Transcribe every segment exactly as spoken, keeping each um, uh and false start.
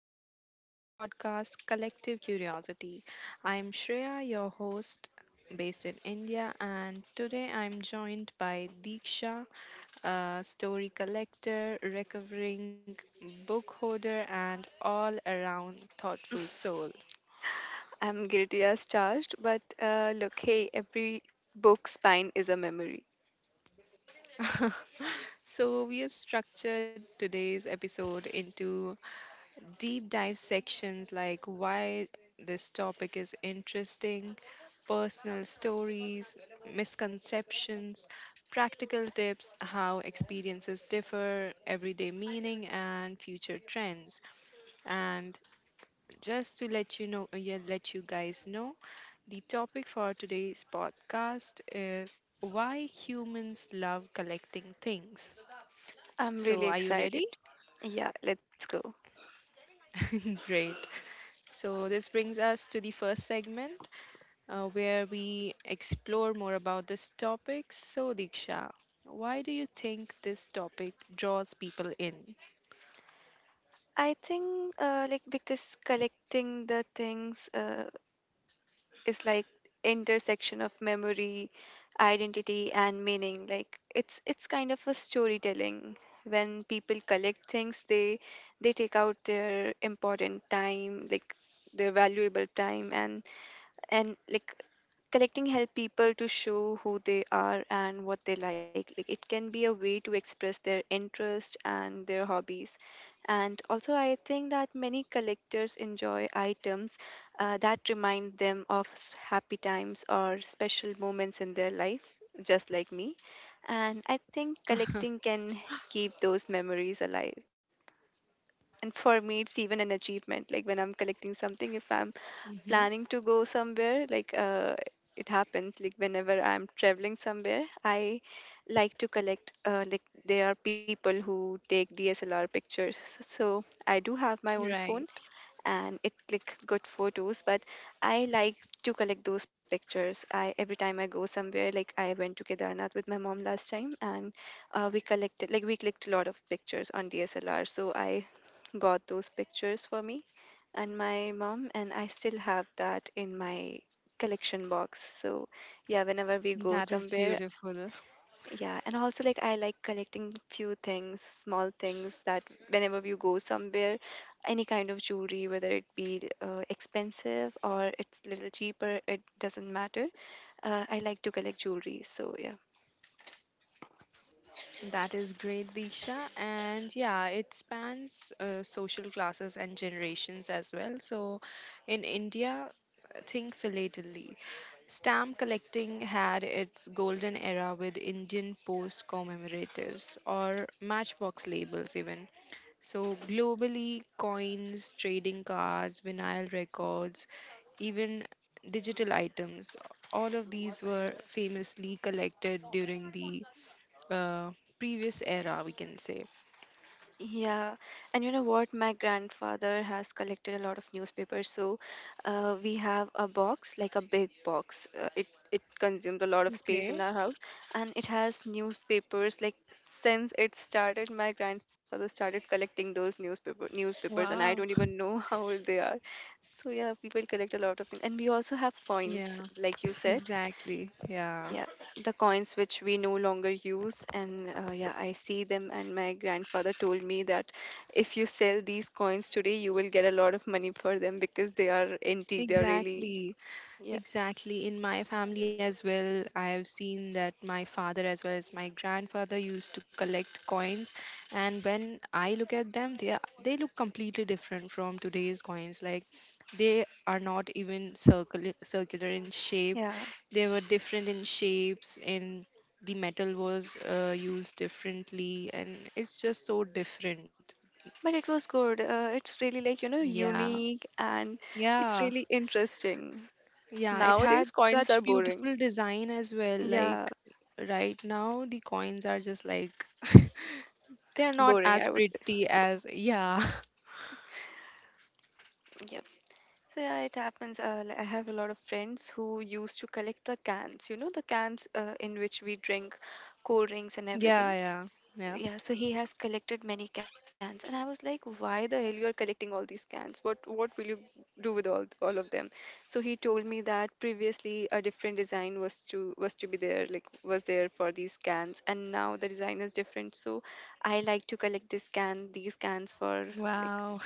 welcome to our podcast, Collective Curiosity. I'm Shreya, your host based in India, and today I'm joined by Deeksha, a story collector, recovering book holder, and all around thoughtful soul. I'm guilty as charged, but uh, look, hey, every book spine is a memory. So, we have structured today's episode into deep dive sections like why this topic is interesting, personal stories, misconceptions, practical tips, how experiences differ, everyday meaning, and future trends. And just to let you know, yeah, let you guys know, the topic for today's podcast is why humans love collecting things. I'm really So, are you excited. ready? Yeah, let's go. Great. So, this brings us to the first segment uh, where we explore more about this topic. So, Diksha, why do you think this topic draws people in? I think uh, like because collecting the things uh, is like intersection of memory, identity, and meaning. Like it's it's kind of a storytelling. When people collect things, they they take out their important time, like their valuable time, and and like collecting help people to show who they are and what they like like It can be a way to express their interest and their hobbies, and also I think that many collectors enjoy items uh, that remind them of s- happy times or special moments in their life, just like me. And I think collecting can keep those memories alive. And for me, it's even an achievement. Like when I'm collecting something, if I'm Hmm. planning to go somewhere, like uh, it happens, like whenever I'm traveling somewhere, I like to collect uh, like there are people who take dslr pictures, so I do have my own phone Right. and it like good photos, but I like to collect those pictures. I every time I go somewhere, like I went to Kedarnath with my mom last time, and uh, we collected, like we clicked a lot of pictures on dslr, so I got those pictures for me and my mom, and I still have that in my collection box. So yeah, whenever we go That is somewhere. beautiful. Yeah, and also like I like collecting few things, small things that whenever you go somewhere, any kind of jewelry, whether it be uh, expensive or it's little cheaper, it doesn't matter. Uh, I like to collect jewelry, so yeah. That is great, Disha. And yeah, it spans uh, social classes and generations as well. So in India, think philately. Stamp collecting had its golden era with Indian post commemoratives or matchbox labels, even. So, globally, coins, trading cards, vinyl records, even digital items, all of these were famously collected during the uh, previous era, we can say. Yeah, and you know what? My grandfather has collected a lot of newspapers, so uh, we have a box, like a big box. Uh, it it consumes a lot of space in Okay. our house, and it has newspapers. Like since it started, my grandfather started collecting those newspaper newspapers, and I don't Wow. even know how old they are. So yeah, people collect a lot of things, and we also have coins, Yeah, like you said. exactly. Yeah, Yeah, the coins which we no longer use, and uh, yeah, I see them, and my grandfather told me that if you sell these coins today, you will get a lot of money for them because they are antique, they are really. exactly. Yeah. Exactly. In my family as well, I have seen that my father as well as my grandfather used to collect coins, and when I look at them, they are, they look completely different from today's coins. Like they are not even circular circular in shape. Yeah. They were different in shapes, and the metal was uh, used differently, and it's just so different. But it was good, uh, it's really, like, you know, Yeah. unique and it's Yeah. really interesting. Yeah, it Nowadays had coins are such boring. beautiful design as well. Yeah, Like right now, the coins are just like they are not boring, as I would pretty as yeah, say. So yeah, it happens. Uh, li- I have a lot of friends who used to collect the cans, you know, the cans uh, in which we drink cold drinks and yeah, everything. yeah, yeah. Yeah, so he has collected many cans, and I was like, why the hell you are collecting all these cans? What what will you do with all all of them? So he told me that previously a different design was to was to be there, like was there for these cans, and now the design is different. So I like to collect this can, these cans for, like. Wow,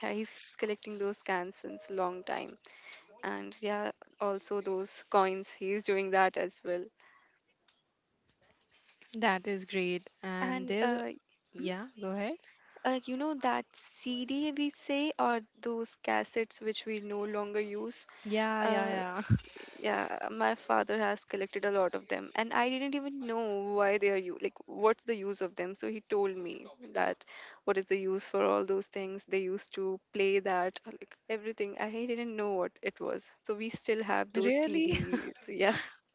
Yeah, he's collecting those cans since long time, and yeah, also those coins, he's doing that as well. that is great. And and there's uh, mm, yeah, go ahead. uh you know that cd we say, or those cassettes which we no longer use. Yeah, yeah, uh yeah. yeah, my father has collected a lot of them, and I didn't even know why they are, you like, what's the use of them? So he told me that what is the use for all those things, they used to play that, like everything. I didn't know what it was, so we still have those Really? cds. Yeah.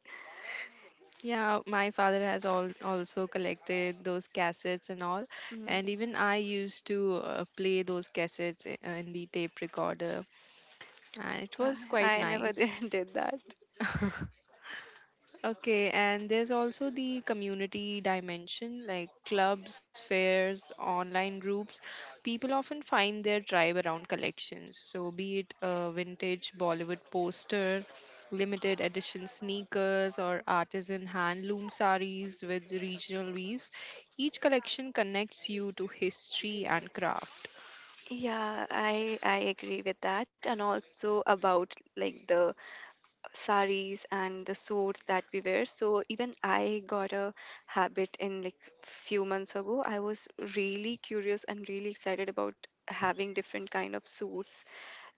Yeah, my father has all also collected those cassettes and all, Mm-hmm. and even I used to uh, play those cassettes i- uh, in the tape recorder, and it was I, quite I never nice. did did that. Okay, and there's also the community dimension like clubs, fairs, online groups. People often find their tribe around collections. So, be it a vintage Bollywood poster, limited edition sneakers, or artisan handloom saris with regional weaves, each collection connects you to history and craft. Yeah, I I agree with that, and also about like the saris and the suits that we wear. So even I got a habit in like few months ago. I was really curious and really excited about having different kind of suits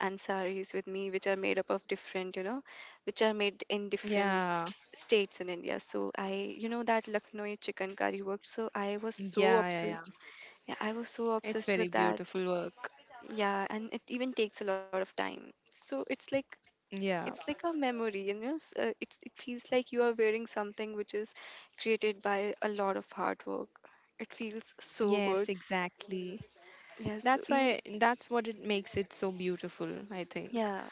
and saris with me, which are made up of different, you know, which are made in different Yeah, s- states in India. So I, you know, that Lucknowi chicken curry work. So I was yeah, so yeah, yeah. obsessed. Yeah, I was so It's very obsessed with that. beautiful work. Yeah, and it even takes a lot of time. So it's like Yeah, it's like a memory, you know. s- Uh, it's it feels like you are wearing something which is created by a lot of hard work. It feels so yes, good. exactly. Yes, That's so why even, that's what it makes it so beautiful, I think. yeah.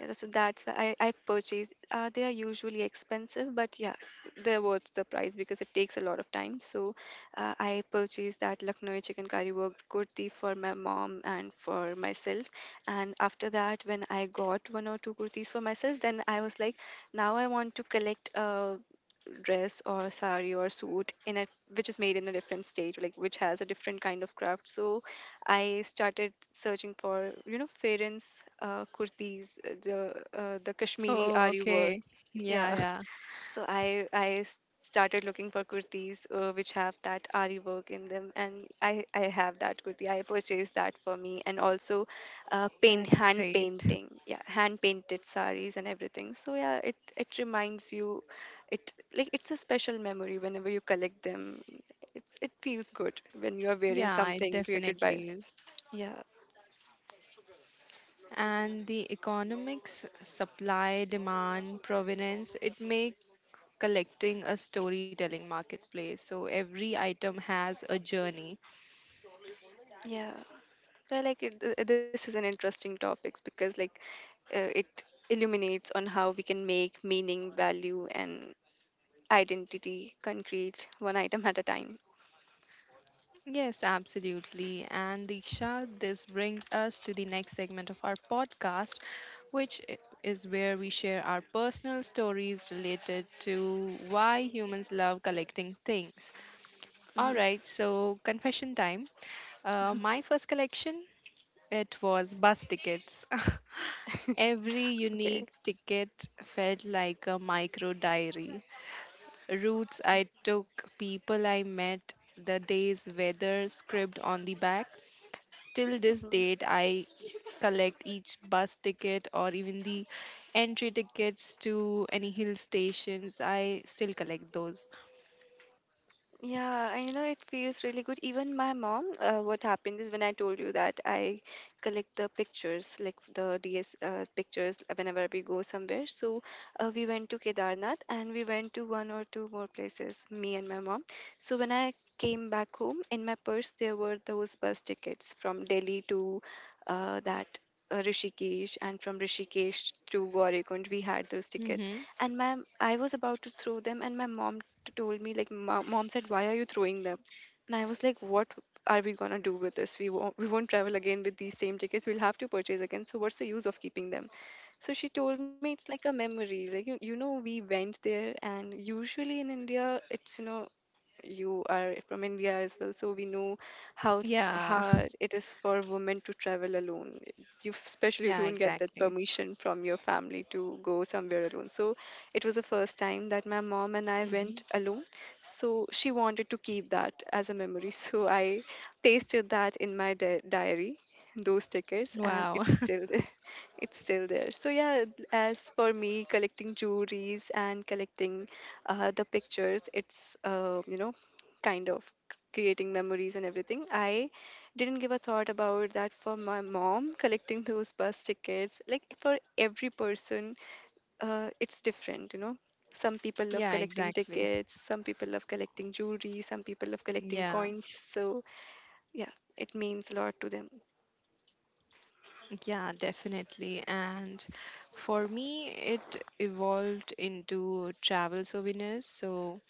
Yeah, that's- so that's why I, I purchased. Uh, they are usually expensive, but yeah, they're worth the price because it takes a lot of time. So uh, I purchased that Lucknowi chicken curry worked kurti for my mom and for myself. And after that, when I got one or two kurtis for myself, then I was like, now I want to collect a dress or sari or suit in a which is made in a different state, like which has a different kind of craft. So I started searching for, you know, Farens, uh, kurtis, uh, the uh, the Kashmiri Oh, Ari okay. work. Yeah, Yeah. yeah. So I I s- started looking for kurtis uh, which have that Ari work in them, and I I have that kurti. I purchased that for me, and also uh, paint That's hand great. painting, yeah, hand painted saris and everything. So yeah, it it reminds you, it like it's a special memory whenever you collect them. It's it feels good when you are wearing Yeah, it something created definitely by, is. yeah, And the economics, supply, demand, provenance, it makes collecting a storytelling marketplace. So every item has a journey. yeah. Well, like it, th- this is an interesting topic because like uh, it illuminates on how we can make meaning, value, and identity concrete one item at a time. Yes, absolutely. And Diksha, this brings us to the next segment of our podcast, which i- is where we share our personal stories related to why humans love collecting things. All hmm right, so confession time. Uh, my first collection, it was bus tickets. Every Okay. unique ticket felt like a micro diary, routes I took, people I met, the day's weather scribbled on the back. Till this date, I collect each bus ticket or even the entry tickets to any hill stations. I still collect those. Yeah, I know it feels really good. Even my mom, uh, what happened is when I told you that I collect the pictures, like the D S uh, pictures whenever we go somewhere. So uh, we went to Kedarnath and we went to one or two more places, me and my mom. So when I came back home, in my purse there were those bus tickets from Delhi to uh, that uh, Rishikesh, and from Rishikesh to Gaurikund we had those tickets, Mm-hmm. and my I was about to throw them, and my mom told me like, "Ma- mom said, why are you throwing them? And I was like, what are we gonna do with this? We won't, we won't travel again with these same tickets, we'll have to purchase again, so what's the use of keeping them? So she told me it's like a memory, like you, you know, we went there, and usually in India it's, you know, you are from India as well, so we know how Yeah, hard it is for women to travel alone. You f- especially yeah, don't get that exactly. permission from your family to go somewhere alone. So it was the first time that my mom and I Mm-hmm. went alone. So she wanted to keep that as a memory. So I pasted that in my di- diary, those stickers, and Wow. it's still there it's still there, so yeah, as for me collecting jewelries and collecting uh, the pictures, it's, uh, you know, kind of creating memories and everything. I didn't give a thought about that, for my mom collecting those bus tickets. Like for every person, uh, it's different, you know. Some people love Yeah, collecting exactly. tickets, some people love collecting jewelry, some people love collecting Yeah, coins. So yeah, it means a lot to them. yeah, definitely. And for me, it evolved into travel souvenirs. So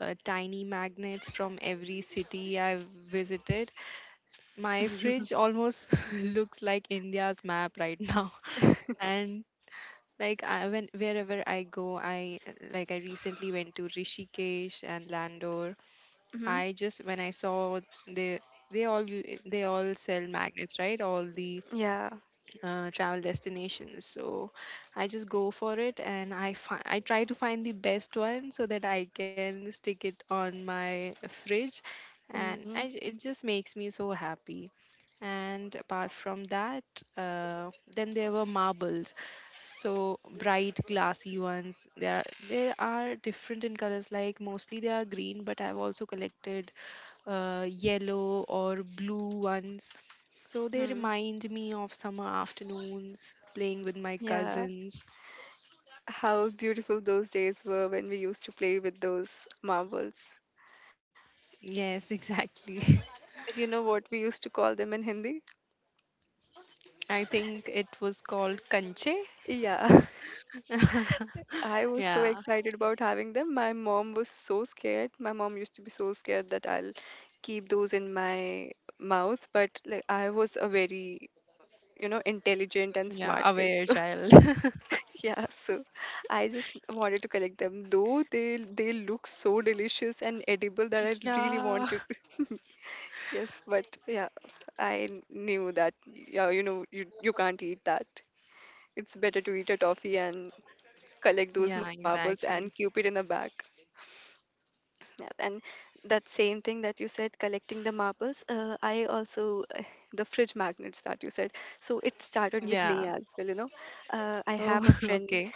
uh, tiny magnets from every city I've visited. My fridge almost looks like India's map right now. And like I, when wherever I go, I like I recently went to Rishikesh and Landor. Hmm. I just when I saw they they all u- they all sell magnets, right? All the Yeah. uh, travel destinations, so I just go for it and i fi- I try to find the best one so that I can stick it on my fridge, and Hmm. I, j- it just makes me so happy. And apart from that, uh, then there were marbles, so bright glassy ones. there there are different in colors, like mostly they are green, but I've also collected uh, yellow or blue ones. So they Hmm. remind me of summer afternoons, playing with my Yeah, cousins. how beautiful those days were when we used to play with those marbles. Yes, exactly. You know what we used to call them in Hindi? I think it was called kanche. Yeah. I was so yeah, excited about having them. My mom was so scared. My mom used to be so scared that I'll keep those in my mouth, but like I was a very, you know, intelligent and yeah, smart kid. aware So child. yeah, so I just wanted to collect them. Though they they look so delicious and edible that I really yeah, wanted to. Yes, but yeah, I knew that. Yeah, you know, you you can't eat that. It's better to eat a toffee and collect those yeah, marbles and exactly. keep it in the bag. Yeah, and that same thing that you said, collecting the marbles, uh, I also, uh, the fridge magnets that you said. So it started with me Yeah. as well, you know. Uh, I have Oh, a friend okay.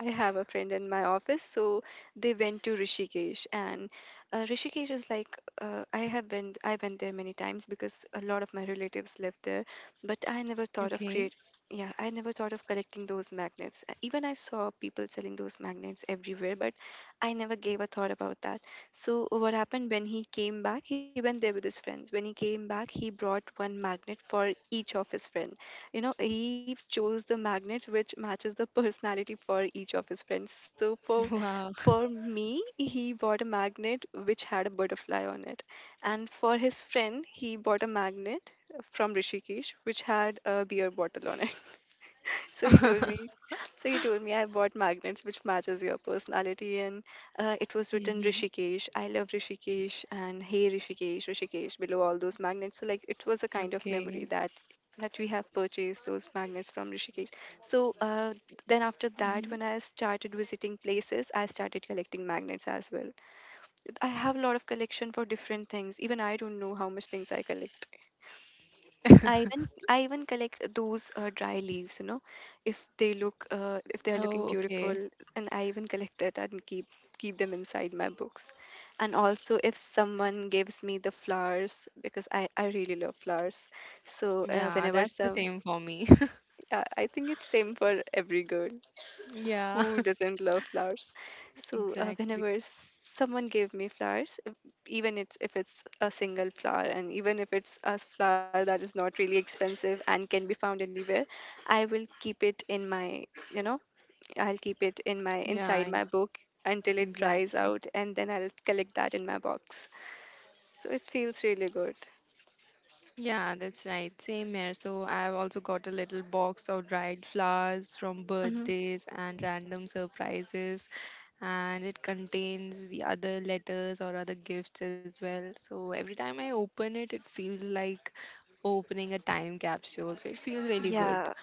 I have a friend in my office, so they went to Rishikesh, and uh, Rishikesh is like uh, I have been I went there many times because a lot of my relatives live there, but I never thought of create. Okay. Yeah, I never thought of collecting those magnets. Uh, Even I saw people selling those magnets everywhere, but I never gave a thought about that. So what happened when he came back? He went there with his friends. When he came back, he brought one magnet for each of his friend you know He chose the magnets which matches the personality for each of his friends. so for Wow. for me he bought a magnet which had a butterfly on it, and for his friend he bought a magnet from rishikesh which had a beer bottle on it. so he told me, so he told me, I bought magnets which matches your personality, and uh, it was written Hmm. Rishikesh. I love Rishikesh and Hey Rishikesh, Rishikesh below all those magnets. So like it was a kind of memory Okay. that that we have purchased those magnets from Rishikesh. So uh, then after that, Hmm. when I started visiting places, I started collecting magnets as well. I have a lot of collection for different things. Even I don't know how much things I collect. I even I even collect those uh, dry leaves, you know, if they look uh, if they are looking Oh, okay. beautiful, and I even collect that and keep keep them inside my books. And also, if someone gives me the flowers, because I I really love flowers, so uh, Yeah, whenever that's the some, same for me. yeah, I think it's same for every girl. yeah, Who doesn't love flowers? So uh, exactly. Whenever someone gave me flowers, if- even it's, if it's a single flower and even if it's a flower that is not really expensive and can be found anywhere, I will keep it in my, you know, I'll keep it in my Yeah, inside I- my book until it dries exactly. out, and then I'll collect that in my box. So it feels really good. Yeah, that's right. Same here. So I've also got a little box of dried flowers from Hmm. birthdays and random surprises, and it contains the other letters or other gifts as well. So every time I open it, it feels like opening a time capsule. So it feels really good. Yeah.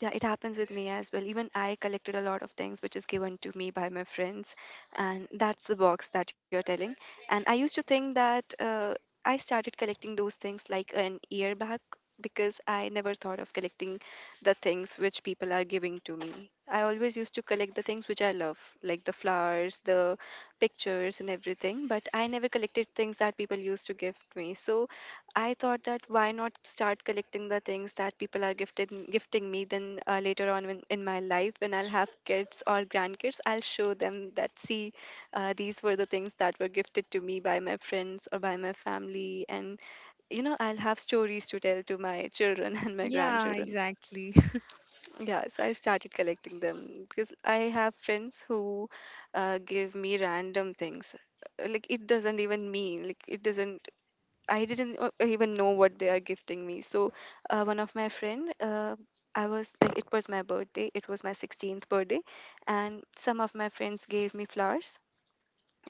Yeah, it happens with me as well. Even I collected a lot of things which is given to me by my friends, and that's the box that you're telling. And I used to think that uh, I started collecting those things like an year back, because I never thought of collecting the things which people are giving to me. I always used to collect the things which I love, like the flowers, the pictures, and everything, but I never collected things that people used to give me. So I thought that, why not start collecting the things that people are gifting gifting me? Then uh, later on in, in my life, when I'll have kids or grandkids, I'll show them that, see, uh, these were the things that were gifted to me by my friends or by my family, and you know I'll have stories to tell to my children and my Yeah, grandchildren. exactly. Yeah, so I started collecting them because I have friends who uh, give me random things. Uh, like it doesn't even mean, like it doesn't, I didn't uh, even know what they are gifting me. So, uh, one of my friend, uh, I was like, it was my birthday. It was my sixteenth birthday, and some of my friends gave me flowers.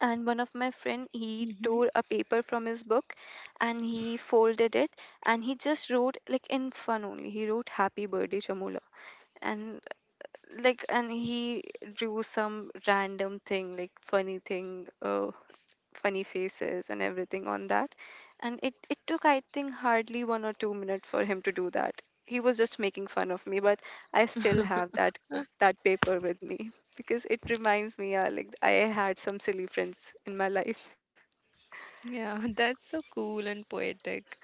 And one of my friend, he Hmm. tore a paper from his book, and he folded it, and he just wrote like in fun only. He wrote "Happy Birthday, Chamula." and like and he drew some random thing, like funny thing uh, funny faces and everything on that. And it, it took, I think, hardly one or two minutes for him to do that. He was just making fun of me, but I still have that that paper with me because it reminds me, uh, like I had some silly friends in my life. Yeah, that's so cool and poetic.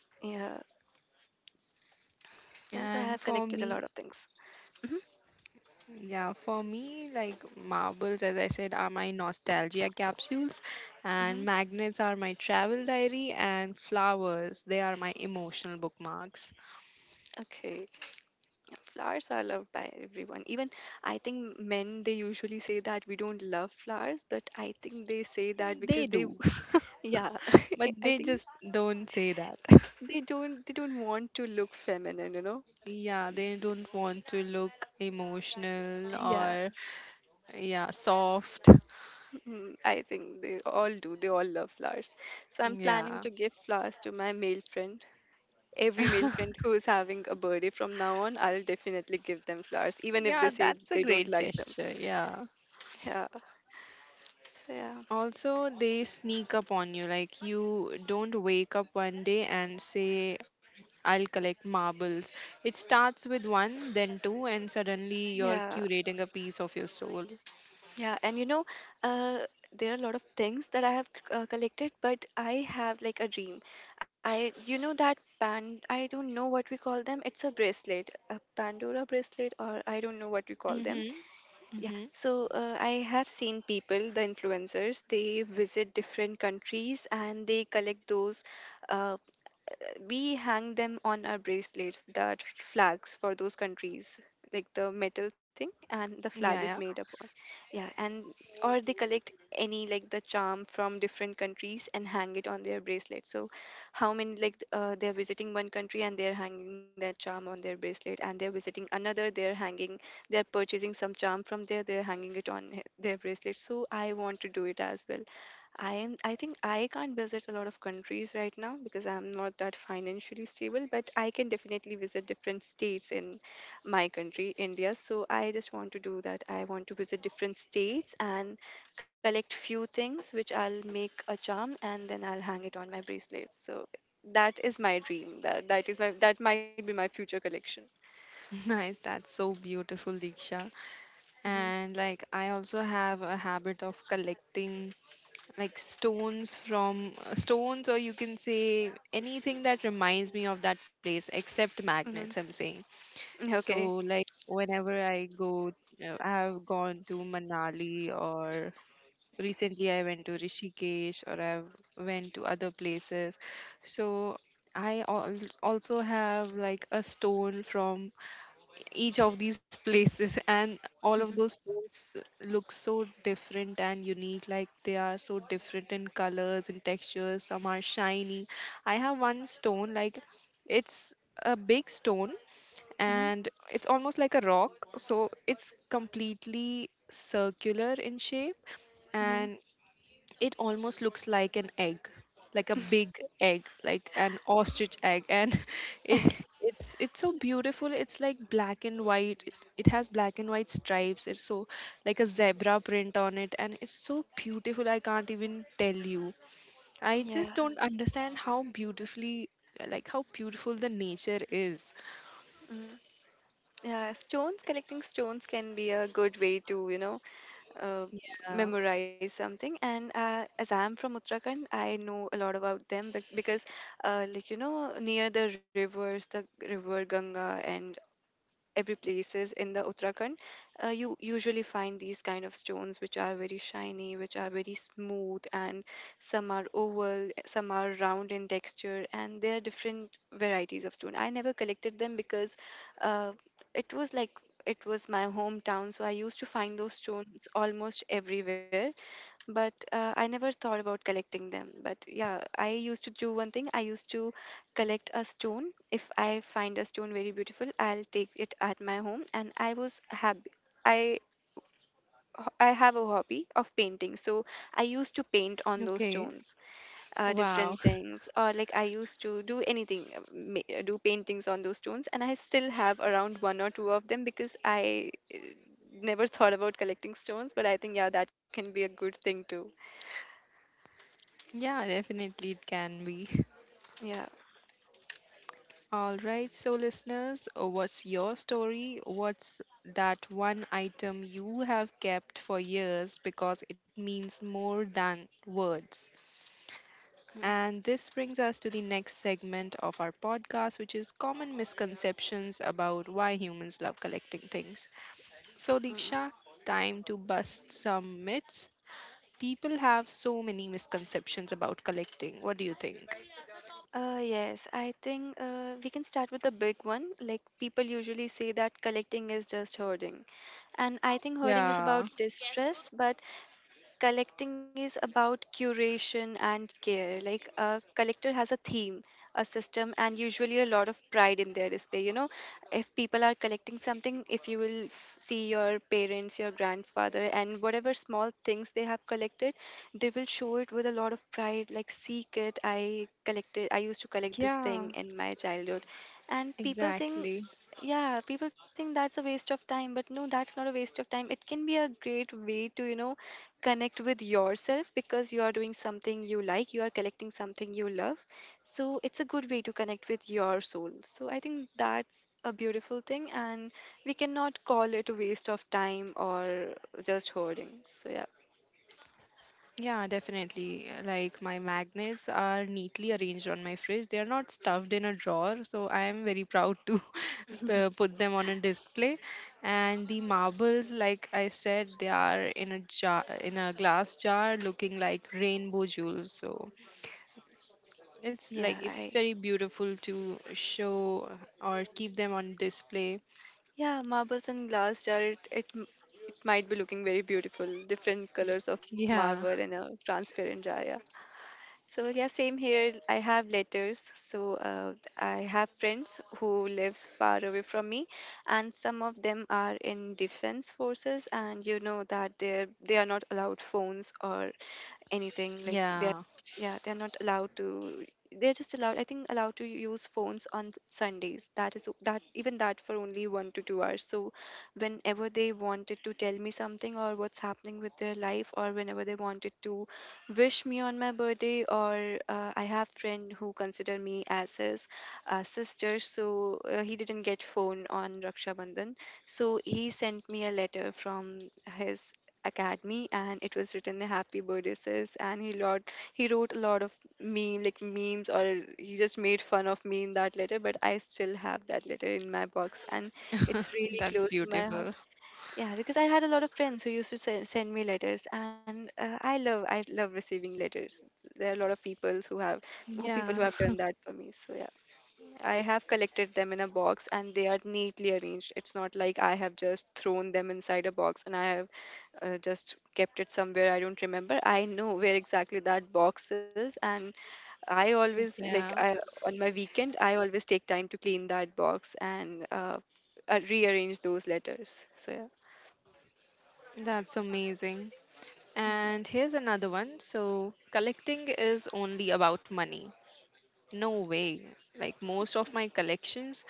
Yeah, uh, so I have And collected a for lot of me, things. Hmm. yeah, for me, like marbles, as I said, are my nostalgia capsules, Hmm. and magnets are my travel diary, and flowers, they are my emotional bookmarks. Okay. Yeah, flowers are loved by everyone. Even I think men, they usually say that we don't love flowers, but I think they say that because They they, do, yeah, but I they think just don't say that. They don't they don't want to look feminine, you know. Yeah, they don't want to look emotional Yeah. or, yeah, soft. Mm, I think they all do. They all love flowers. So I'm planning Yeah. to give flowers to my male friend. Every male friend who is having a birthday from now on, I'll definitely give them flowers, even if they Yeah, say that's a they don't great like them. gesture. Yeah. Yeah. So yeah. Also, they sneak up on you. Like, you don't wake up one day and say, I'll collect marbles. It starts with one, then two, and suddenly you're Yeah. curating a piece of your soul. Yeah, and you know, uh, there are a lot of things that I have uh, collected, but I have like a dream. I, you know, that band, I don't know what we call them. It's a bracelet, a Pandora bracelet, or I don't know what we call them. Mm-hmm. Yeah, Mm-hmm. so uh, I have seen people, the influencers, they visit different countries and they collect those. Uh, we hang them on our bracelets, that flags for those countries, like the metal thing and the flag Yeah, is yeah. made upon, yeah, and or they collect any, like the charm from different countries, and hang it on their bracelet. So how many, like uh, they're visiting one country and they're hanging that charm on their bracelet, and they're visiting another, they're hanging, they're purchasing some charm from there, they're hanging it on he- their bracelet. So I want to do it as well. I am I think I can't visit a lot of countries right now because I'm not that financially stable, but I can definitely visit different states in my country, India. So I just want to do that. I want to visit different states and collect few things which I'll make a charm, and then I'll hang it on my bracelet. So that is my dream. That that is my that might be my future collection. Nice. That's so beautiful, Diksha. Hmm. And like, I also have a habit of collecting like stones from stones, or you can say anything that reminds me of that place, except magnets, Hmm. I'm saying. So Okay. like whenever I go, uh, I have gone to Manali or recently I went to Rishikesh or I've went to other places. So I al- also have like a stone from each of these places, and all of those stores look so different and unique, like they are so different in colors and textures, some are shiny. I have one stone, like it's a big stone, Hmm. and it's almost like a rock, so it's completely circular in shape, Hmm. and it almost looks like an egg, like a big egg, like an ostrich egg, and it it's it's so beautiful. It's like black and white. It, it has black and white stripes. It's so like a zebra print on it, and it's so beautiful. I can't even tell you. I just Yeah. don't understand how beautifully, like how beautiful the nature is. Mm. Yeah, stones, collecting stones can be a good way to, you know, uh, Uh, memorize something. And uh, as I'm from Uttarakhand, I know a lot about them, bec- because uh, like you know, near the rivers, the river Ganga and every places in the Uttarakhand, uh, you usually find these kind of stones which are very shiny, which are very smooth, and some are oval, some are round in texture, and there are different varieties of stone. I never collected them because uh, it was like it was my hometown, so I used to find those stones almost everywhere, but uh, I never thought about collecting them. But yeah, I used to do one thing. I used to collect a stone. If I find a stone very beautiful, I'll take it at my home. And I was happy. I ho- I have a hobby of painting, so I used to paint on those okay. stones, uh, Wow. different things, or like I used to do anything, uh, ma- uh, do paintings on those stones, and I still have around one or two of them because I uh, never thought about collecting stones, but I think yeah, that can be a good thing too. Yeah, definitely it can be. Yeah. All right, so listeners, uh, what's your story? What's that one item you have kept for years because it means more than words? Mhm, And this brings us to the next segment of our podcast, which is common misconceptions about why humans love collecting things. So, mhm. Diksha, time to bust some myths. People have so many misconceptions about collecting. What do you think? Uh, yes, I think uh, we can start with the big one. Like people usually say that collecting is just hoarding. And I think hoarding is Yeah, about distress, but collecting is about curation and care. Like a collector has a theme, a system, and usually a lot of pride in their display. You know, if people are collecting something, if you will f- see your parents, your grandfather, and whatever small things they have collected, they will show it with a lot of pride. Like, see, kid, I collected. I used to collect this yeah, thing in my childhood, and people think, exactly. yeah, people think that's a waste of time, but no, that's not a waste of time. It can be a great way to, you know, connect with yourself because you are doing something you like, you are collecting something you love. So it's a good way to connect with your soul. So I think that's a beautiful thing, and we cannot call it a waste of time or just hoarding. So yeah. Yeah, definitely. Like my magnets are neatly arranged on my fridge. They are not stuffed in a drawer, so I am very proud to uh, put them on a display. And the marbles, like I said, they are in a jar, in a glass jar, looking like rainbow jewels. So it's yeah, like it's I very beautiful to show or keep them on display. Yeah, marbles and glass jar. It it, m- it might be looking very beautiful, different colors of marble Yeah, in a transparent jar. Yeah. So yeah, same here. I have letters. So uh, I have friends who lives far away from me, and some of them are in defense forces, and you know that they're they are not allowed phones or anything, like they are, yeah, yeah, they're not allowed to, they're just allowed, I think, allowed to use phones on th- sundays, that is o- that even that for only one to two hours. So whenever they wanted to tell me something or what's happening with their life, or whenever they wanted to wish me on my birthday, or uh, I have friend who consider me as his uh, sister, so uh, he didn't get phone on Raksha Bandhan, so he sent me a letter from his academy, and it was written, a happy birthday sis, and he lot he wrote a lot of me, like memes, or he just made fun of me in that letter, but I still have that letter in my box, and it's really that's close to my heart. beautiful. Yeah, because I had a lot of friends who used to se- send me letters, and uh, I love I love receiving letters. There are a lot of people who have who people who Yeah, have done that for me. So yeah, I have collected them in a box, and they are neatly arranged. It's not like I have just thrown them inside a box and I have uh, just kept it somewhere I don't remember. I know where exactly that box is, and I always like yeah, I on my weekend I always take time to clean that box and uh, uh, rearrange those letters. So yeah. that's amazing. Mm-hmm. And here's another one. So, collecting is only about money. No way. Like most of my collections,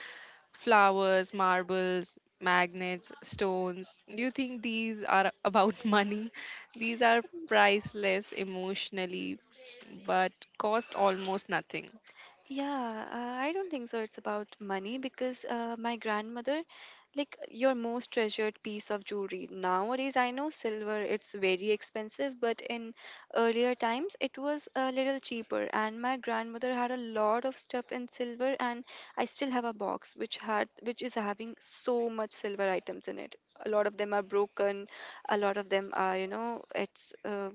flowers, marbles, magnets, stones, do you think these are about money? These are priceless emotionally, but cost almost nothing. Yeah, uh, I don't think so. It's about money because uh, my grandmother, like your most treasured piece of jewelry. Nowadays, I know silver, it's very expensive, but in earlier times, it was a little cheaper. And my grandmother had a lot of stuff in silver, and I still have a box which had which is having so much silver items in it. A lot of them are broken, a lot of them are, you know, it's uh,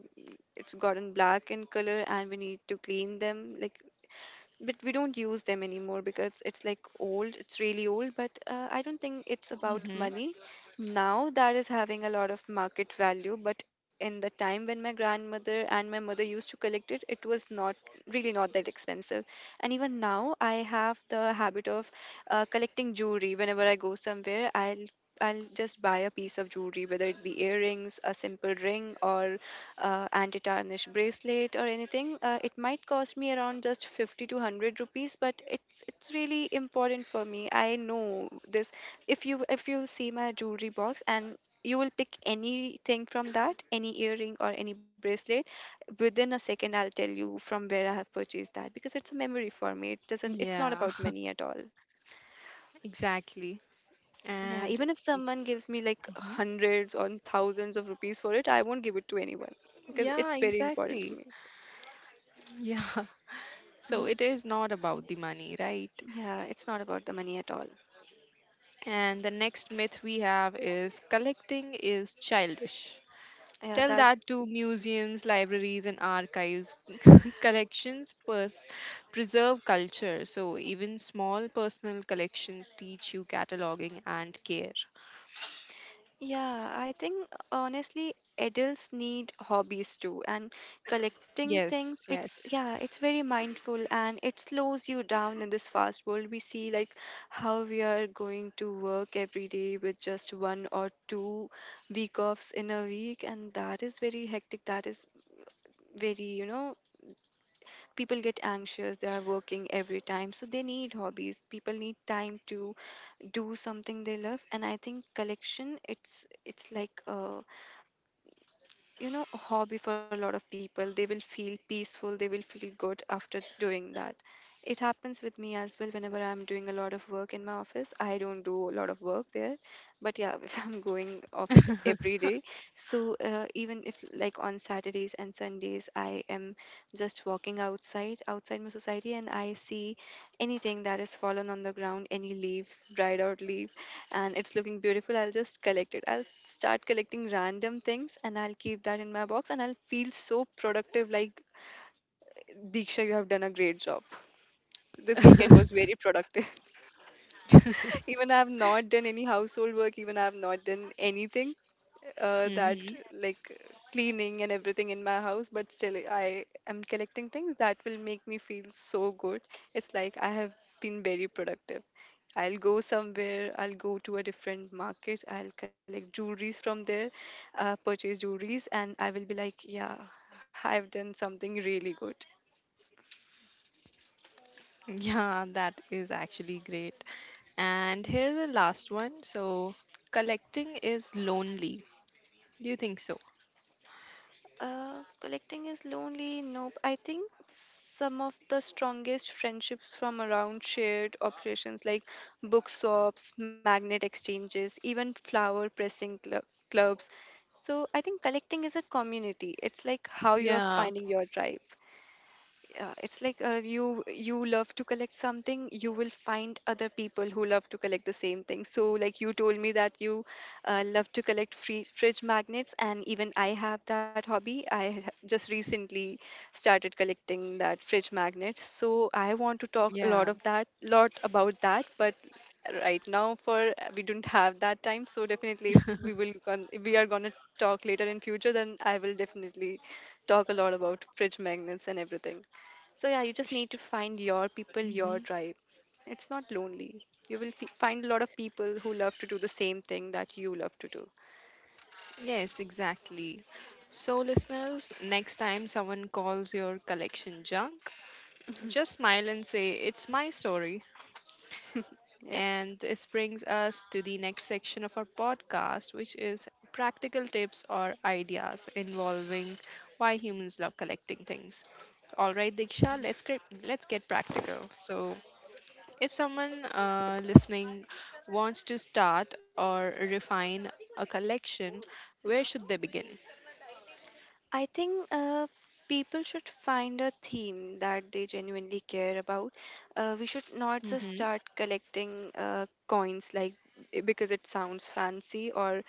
it's gotten black in color and we need to clean them like but we don't use them anymore because it's like old it's really old but uh, I don't think it's about Hmm. money now. That is having a lot of market value, but in the time when my grandmother and my mother used to collect it, it was not really not that expensive. And even now I have the habit of uh, collecting jewelry. Whenever I go somewhere, i'll I'll just buy a piece of jewelry, whether it be earrings, a simple ring, or uh, anti-tarnish bracelet or anything. Uh, it might cost me around just fifty to one hundred rupees, but it's it's really important for me. I know this, if you if you see my jewelry box and you will pick anything from that, any earring or any bracelet, within a second I'll tell you from where I have purchased that, because it's a memory for me. It doesn't it's Yeah, not about money at all. exactly. Yeah, even And if someone gives me like Mhm. hundreds or thousands of rupees for it, I won't give it to anyone because it's yeah, very important for exactly. me. So, Yeah. So mm-hmm. it is not about the money, right? Yeah, it's not about the money at all. And the next myth we have is collecting is childish. Yeah, Tell that's that to museums, libraries, and archives. collections pers- Preserve culture, so even small personal collections teach you cataloging and care. yeah, I think honestly adults need hobbies too, and collecting things, Yes, it's yes. yeah, it's very mindful and it slows you down in this fast world. We see like how we are going to work every day with just one or two week offs in a week, and that is very hectic. That is very, you know, people get anxious, they are working every time, so they need hobbies. People need time to do something they love, and I think collection, it's it's like a, you know, a hobby for a lot of people. They will feel peaceful, they will feel good after doing that. It happens with me as well. Whenever I'm doing a lot of work in my office, I don't do a lot of work there, but yeah, if I'm going office every day, so uh, even if like on Saturdays and Sundays I am just walking outside outside my society and I see anything that is fallen on the ground, any leaf, dried out leaf, and it's looking beautiful, I'll just collect it. I'll start collecting random things and I'll keep that in my box and I'll feel so productive, like Diksha, you have done a great job. This weekend was very productive. Even I have not done any household work, even I have not done anything uh, that Hmm. like cleaning and everything in my house, but still I am collecting things that will make me feel so good. It's like I have been very productive. I'll go somewhere, I'll go to a different market, I'll collect jewelries from there, uh, purchase jewelries, and I will be like, yeah, I've done something really good. Yeah, that is actually great. And here's the last one. So, collecting is lonely. Do you think so? Uh, collecting is lonely. Nope. I think some of the strongest friendships from around shared operations, like book swaps, magnet exchanges, even flower pressing cl- clubs. So I think collecting is a community. It's like how you are Yeah. finding your tribe. Yeah, it's like uh, you you love to collect something, you will find other people who love to collect the same thing. So, like you told me that you uh, love to collect free fridge magnets, and even I have that hobby. I ha- just recently started collecting that fridge magnets. So, I want to talk a lot Yeah. of that, lot about that, but right now for we don't have that time. So, definitely, if we will gon- if we are gonna talk later in future, then I will definitely talk a lot about fridge magnets and everything. So yeah, you just need to find your people, your Hmm. tribe. It's not lonely. You will f- find a lot of people who love to do the same thing that you love to do. Yes, exactly. So, listeners, next time someone calls your collection junk, just smile and say, "It's my story." Yeah. And this brings us to the next section of our podcast, which is practical tips or ideas involving why humans love collecting things. All right, Diksha, let's get, let's get practical. So, if someone uh, listening wants to start or refine a collection, where should they begin? I think uh, people should find a theme that they genuinely care about. Uh, we should not just Mm-hmm. start collecting uh, coins like because it sounds fancy or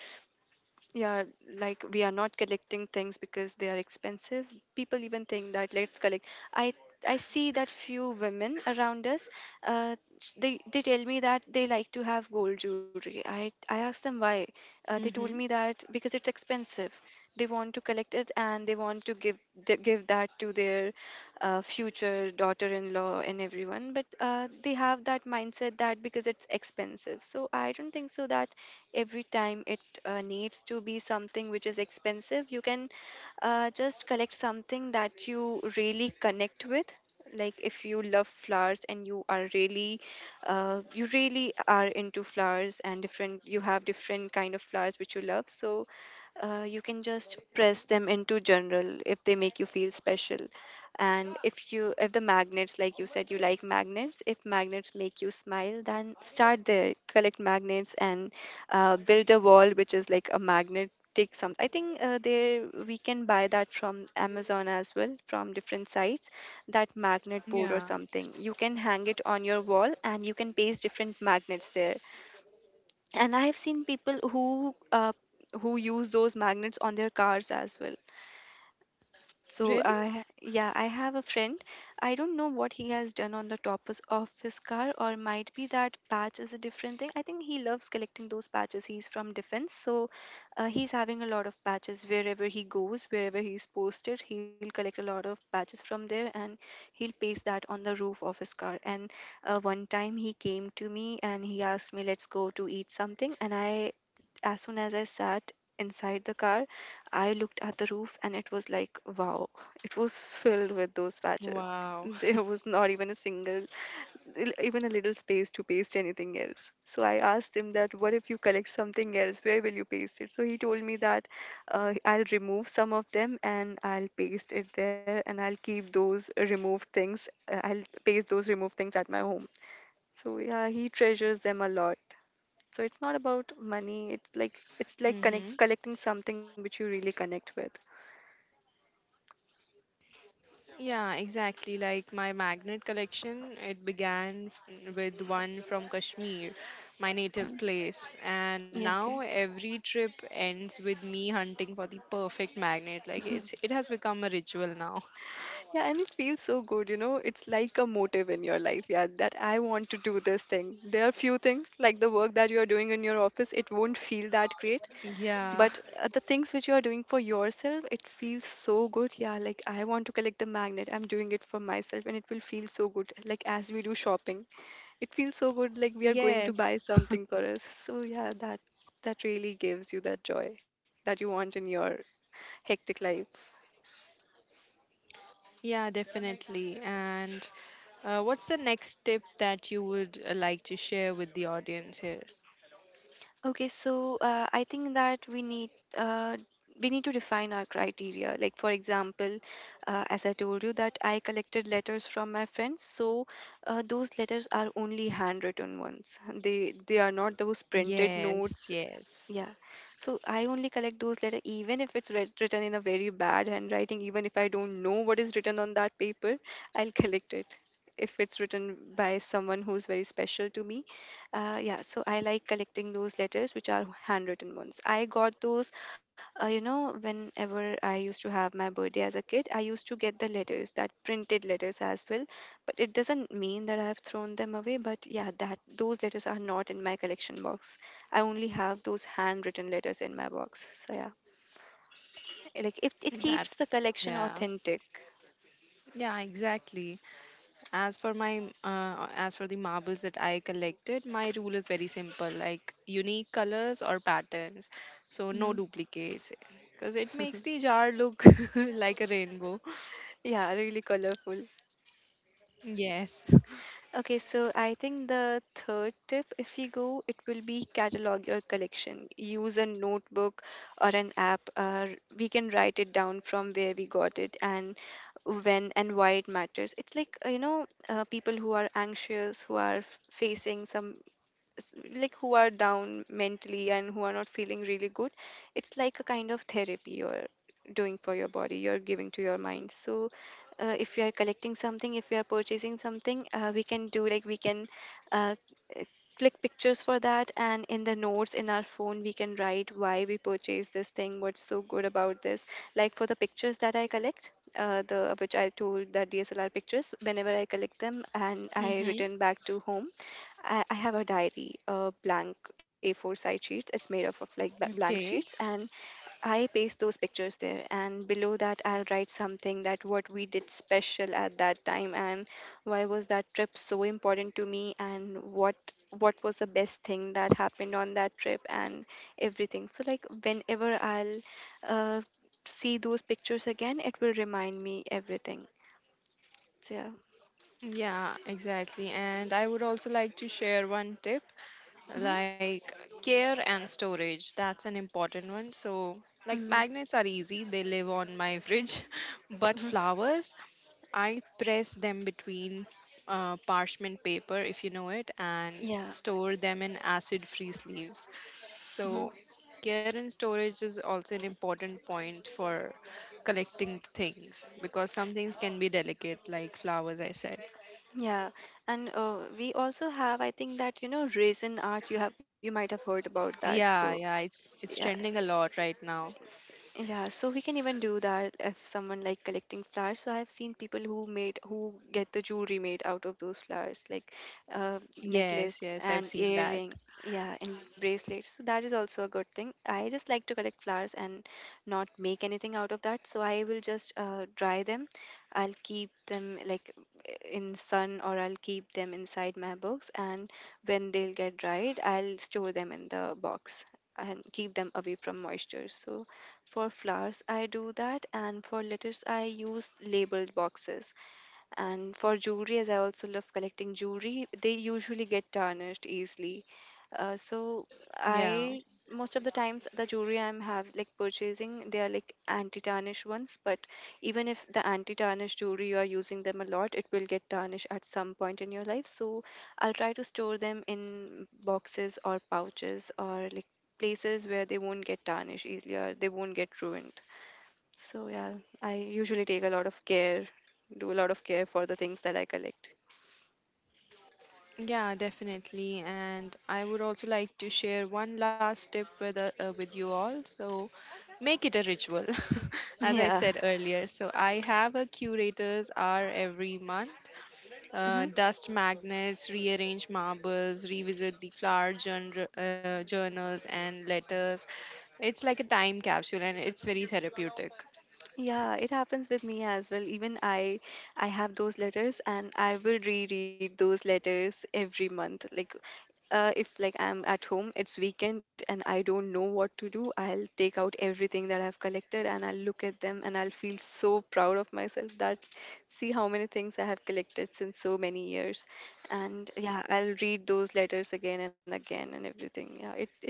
yeah, like we are not collecting things because they are expensive. People even think that let's collect. I I see that few women around us. Uh, sh- they they tell me that they like to have gold jewelry. I I asked them why. Uh, they told me Mm-hmm. that because it's expensive. They want to collect it and they want to give the, give that to their uh, future daughter-in-law and everyone. But uh, they have that mindset that because it's expensive. So I don't think so that every time it uh, needs to be something which is expensive. You can uh, just collect something that you really connect with, like if you love flowers and you are really uh, you really are into flowers, and different you have different kind of flowers which you love, so uh, you can just press them into general if they make you feel special. And if you if the magnets, like you said you like magnets, if magnets make you smile, then start there, collect magnets, and uh, build a wall which is like a magnetic some. I think uh, there we can buy that from Amazon as well, from different sites, that magnet board or Yeah. something. You can hang it on your wall and you can paste different magnets there. And I have seen people who uh, who use those magnets on their cars as well. So, Really? uh, yeah, I have a friend. I don't know what he has done on the top is- of his car, or might be that patch is a different thing. I think he loves collecting those patches. He's from defense, so uh, he's having a lot of patches. Wherever he goes, wherever he's posted, he'll collect a lot of patches from there, and he'll paste that on the roof of his car. And uh, one time he came to me and he asked me, "Let's go to eat something," and I as soon as I sat inside the car, I looked at the roof and it was like, wow, it was filled with those patches. Wow. There was not even a single, even a little space to paste anything else. So I asked him that, what if you collect something else? Where will you paste it? So he told me that uh, I'll remove some of them and I'll paste it there and I'll keep those removed things. Uh, I'll paste those removed things at my home. So yeah, he treasures them a lot. So it's not about money. It's like it's like Mm-hmm. connect collecting something which you really connect with. Yeah, exactly. Like my magnet collection, it began f- with one from Kashmir, my native place. And Yeah, now okay. every trip ends with me hunting for the perfect magnet. Like it's it has become a ritual now. Yeah, and it feels so good, you know. It's like a motive in your life, yeah, that I want to do this thing. There are few things like the work that you are doing in your office, it won't feel that great, but Yeah. uh, the things which you are doing for yourself, it feels so good. Yeah, like I want to collect the magnet. I'm doing it for myself and it will feel so good. Like as we do shopping, it feels so good. Like we are going to buy Yes. something for us. So yeah, that that really gives you that joy that you want in your hectic life. Yeah, definitely. And uh, what's the next tip that you would uh, like to share with the audience here? Okay, so uh, I think that we need uh, we need to define our criteria. Like for example, uh, as I told you that I collected letters from my friends, so uh, those letters are only handwritten ones. They they are not those printed Yes, notes, yes. yeah. So I only collect those letter even if it's writ- written in a very bad handwriting, even if I don't know what is written on that paper, I'll collect it. If it's written by someone who's very special to me, uh, yeah. So I like collecting those letters which are handwritten ones. I got those, uh, you know, whenever I used to have my birthday as a kid, I used to get the letters, that printed letters as well. But it doesn't mean that I have thrown them away. But yeah, that those letters are not in my collection box. I only have those handwritten letters in my box. So yeah, like it, it That, keeps the collection yeah, authentic. yeah, exactly. As for my, m- uh, as for the marbles that I collected, my rule is very simple, like unique colors or patterns. So no Hmm. duplicates, because it makes the jar look like a rainbow. Yeah, really colorful. Yes. Okay, so I think the third tip, if you go, it will be catalog your collection. Use a notebook or an app. Uh, we can write it down from where we got it and when and why it matters. It's like, uh, you know, uh, people who are anxious, who are f- facing some s- like who are down mentally and who are not feeling really good. It's like a kind of therapy you're doing for your body, you're giving to your mind. So uh, if you are collecting something, if you are purchasing something, uh, we can do, like, we can uh, uh, click pictures for that, and in the notes in our phone we can write why we purchased this thing, what's so good about this. Like for the pictures that I collect, uh, the which I told, the DSLR pictures, whenever I collect them and I Mm-hmm. return back to home, I, I have a diary, a blank A four side sheets. It's made up of like b- blank sheets, Okay. and I paste those pictures there. And below that, I'll write something that what we did special at that time, and why was that trip so important to me, and what what was the best thing that happened on that trip, and everything. So like whenever I'll uh, see those pictures again, it will remind me everything. So yeah. Yeah, exactly. And I would also like to share one tip Hmm. like care and storage. That's an important one. So, Hmm. like magnets are easy, they live on my fridge, but Hmm. flowers, I press them between uh, parchment paper, if you know it, and Yeah. store them in acid free sleeves. Mm-hmm. So, care and storage is also an important point for collecting things because some things can be delicate, like flowers, I said. Yeah, and uh, we also have, I think that, you know, raisin art. You have, you might have heard about that. Yeah, So yeah, it's it's yeah, trending a lot right now. yeah, so we can even do that if someone like collecting flowers. So I've seen people who made who get the jewelry made out of those flowers, like uh, Yes, necklace yes, I've and seen that. earring, yeah, and bracelets. So that is also a good thing. I just like to collect flowers and not make anything out of that. So I will just uh, dry them. I'll keep them like in sun, or I'll keep them inside my box, and when they'll get dried, I'll store them in the box and keep them away from moisture. So for flowers, I do that, and for letters, I use labeled boxes. And for jewelry, as I also love collecting jewelry, they usually get tarnished easily. Uh, so Yeah. I, most of the times the jewelry I'm have like purchasing, they are like anti-tarnish ones. But even if the anti-tarnish jewelry you are using them a lot, it will get tarnished at some point in your life. So I'll try to store them in boxes or pouches or like places where they won't get tarnished easily or they won't get ruined. So yeah, I usually take a lot of care, do a lot of care for the things that I collect. Yeah, definitely. And I would also like to share one last tip with uh, uh, with you all. So, make it a ritual. As I Yeah. said earlier, so I have a curators hour every month. Hmm. Uh, dust magnets, rearrange marbles, revisit the flower journal, uh, journals and letters. It's like a time capsule, and it's very therapeutic. Yeah, it happens with me as well. Even I I have those letters and I will reread those letters every month. Like uh, if like I'm at home, it's weekend and I don't know what to do, I'll take out everything that I've collected and I'll look at them and I'll feel so proud of myself that see how many things I have collected since so many years. And yeah, I'll read those letters again and again and everything. Yeah, it it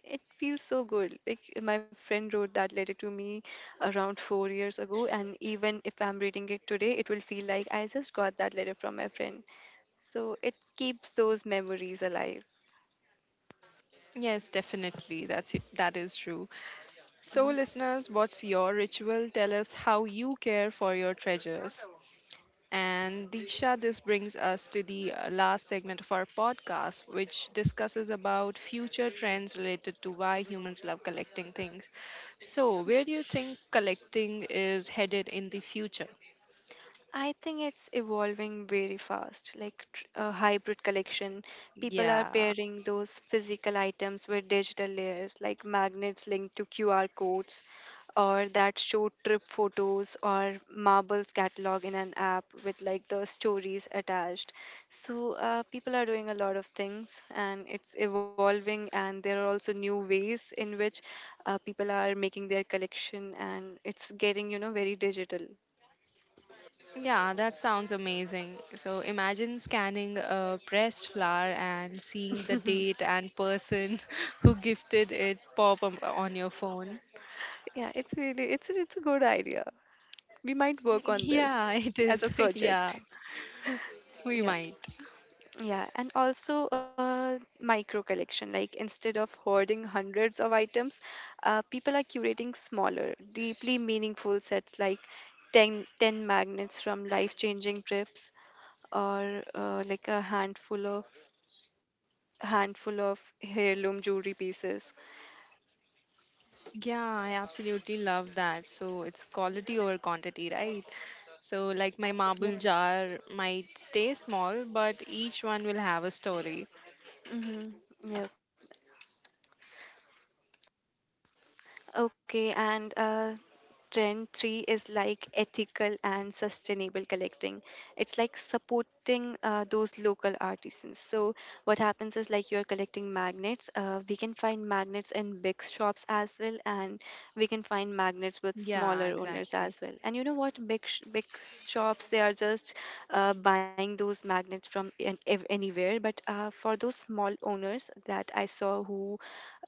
it feels so good. Like my friend wrote that letter to me around four years ago. And even if I'm reading it today, it will feel like I just got that letter from my friend. So it keeps those memories alive. Yes, definitely. That's it. That is true. So, listeners, what's your ritual? Tell us how you care for your treasures. And Diksha, this brings us to the uh, last segment of our podcast, which discusses about future trends related to why humans love collecting things. So, where do you think collecting is headed in the future? I think it's evolving very fast, like tr- a hybrid collection. People are Yeah. pairing those physical items with digital layers, like magnets linked to Q R codes, or that show trip photos, or marbles catalog in an app with like the stories attached. So uh, people are doing a lot of things, and it's evolving. And there are also new ways in which uh, people are making their collection, and it's getting, you know, very digital. Yeah, that sounds amazing. So imagine scanning a pressed flower and seeing the date and person who gifted it pop up on your phone. Yeah, it's really it's a- it's a good idea. We might work on Yeah, this it as is. a Yeah, project. we Yep. might. Yeah, and also uh, micro collection. Like instead of hoarding hundreds of items, uh, people are curating smaller, deeply meaningful sets like ten ten magnets from life-changing trips, or uh, like a handful of handful of heirloom jewelry pieces. Yeah, I absolutely love that. So it's quality over quantity, right? So, like my Yep. marble jar might stay small, but each one will have a story. Mm-hmm. Yep. Okay, and uh, trend three is like ethical and sustainable collecting. It's like supporting uh, those local artisans. So what happens is like you're collecting magnets. Uh, we can find magnets in big shops as well, and we can find magnets with Yeah, smaller owners exactly. as well. And you know what? Big sh- big s- Shops they are just uh, buying those magnets from an- ev- anywhere. But uh, for those small owners that I saw who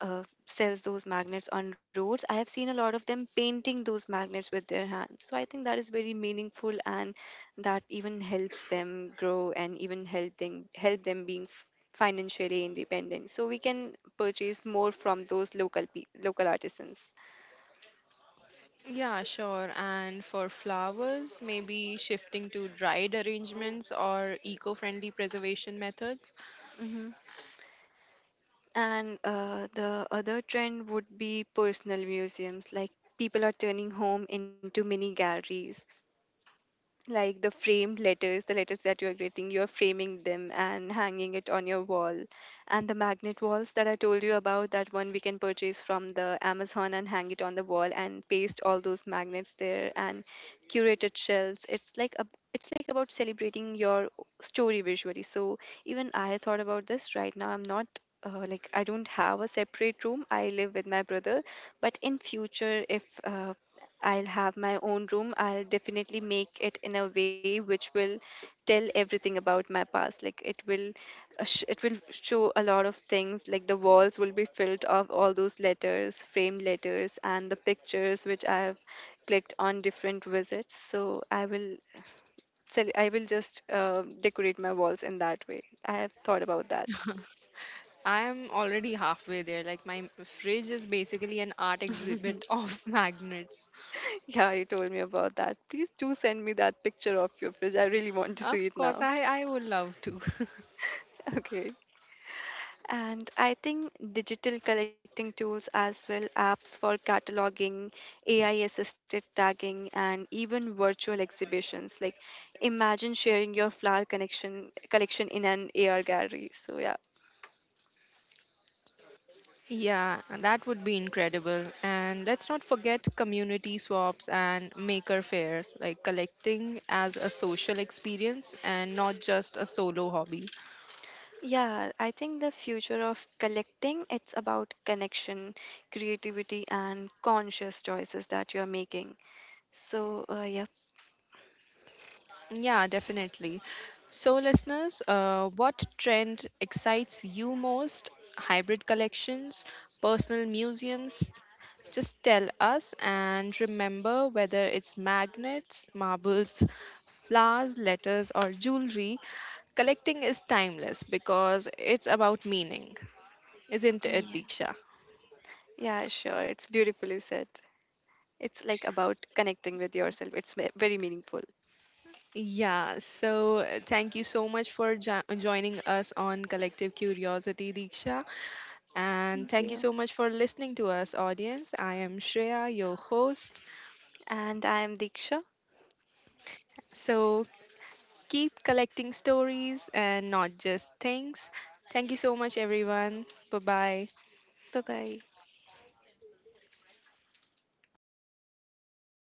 uh, sells those magnets on roads. I have seen a lot of them painting those magnets with their hands. So I think that is very meaningful, and that even helps them grow and even help them help them being f- financially independent. So we can purchase more from those local pe- local artisans. Yeah, sure. And for flowers, maybe shifting to dried arrangements or eco friendly preservation methods. Hmm. And uh, the other trend would be personal museums, like people are turning home into mini galleries, like the framed letters, the letters that you are getting, you are framing them and hanging it on your wall. And the magnet walls that I told you about, that one we can purchase from the Amazon and hang it on the wall and paste all those magnets there, and curated shells. It's like a, it's like about celebrating your story visually. So even I thought about this right now. I'm not, uh, like I don't have a separate room. I live with my brother, but in future, if uh, I'll have my own room, I'll definitely make it in a way which will tell everything about my past. Like it will, uh, sh- it will show a lot of things. Like the walls will be filled of all those letters, frame letters, and the pictures which I have clicked on different visits. So I will, sell- I will just uh, decorate my walls in that way. I have thought about that. I am already halfway there. Like, my fridge is basically an art exhibit of magnets. Yeah, you told me about that. Please do send me that picture of your fridge. I really want to see Of it course, now. I, I would love to. Okay. And I think digital collecting tools as well, apps for cataloging, A I assisted tagging, and even virtual exhibitions. Like imagine sharing your flower connection collection in an A R gallery. So yeah. Yeah, that would be incredible. And let's not forget community swaps and maker fairs, like collecting as a social experience and not just a solo hobby. Yeah, I think the future of collecting, it's about connection, creativity and conscious choices that you are making. So uh, yeah. Yeah, definitely. So, listeners, uh, what trend excites you most? Hybrid collections, personal museums? Just tell us and remember whether it's magnets, marbles, flowers, letters, or jewelry, collecting is timeless because it's about meaning, isn't it, Yeah. Diksha? Yeah, sure. It's beautifully said. It's like about connecting with yourself. It's me- very meaningful. Yeah, so uh, thank you so much for jo- joining us on Collective Curiosity, Diksha. And Thank thank you you. so much for listening to us, audience. I am Shreya, your host. And I am Diksha. So keep collecting stories and not just things. Thank you so much, everyone. Bye bye. Bye bye.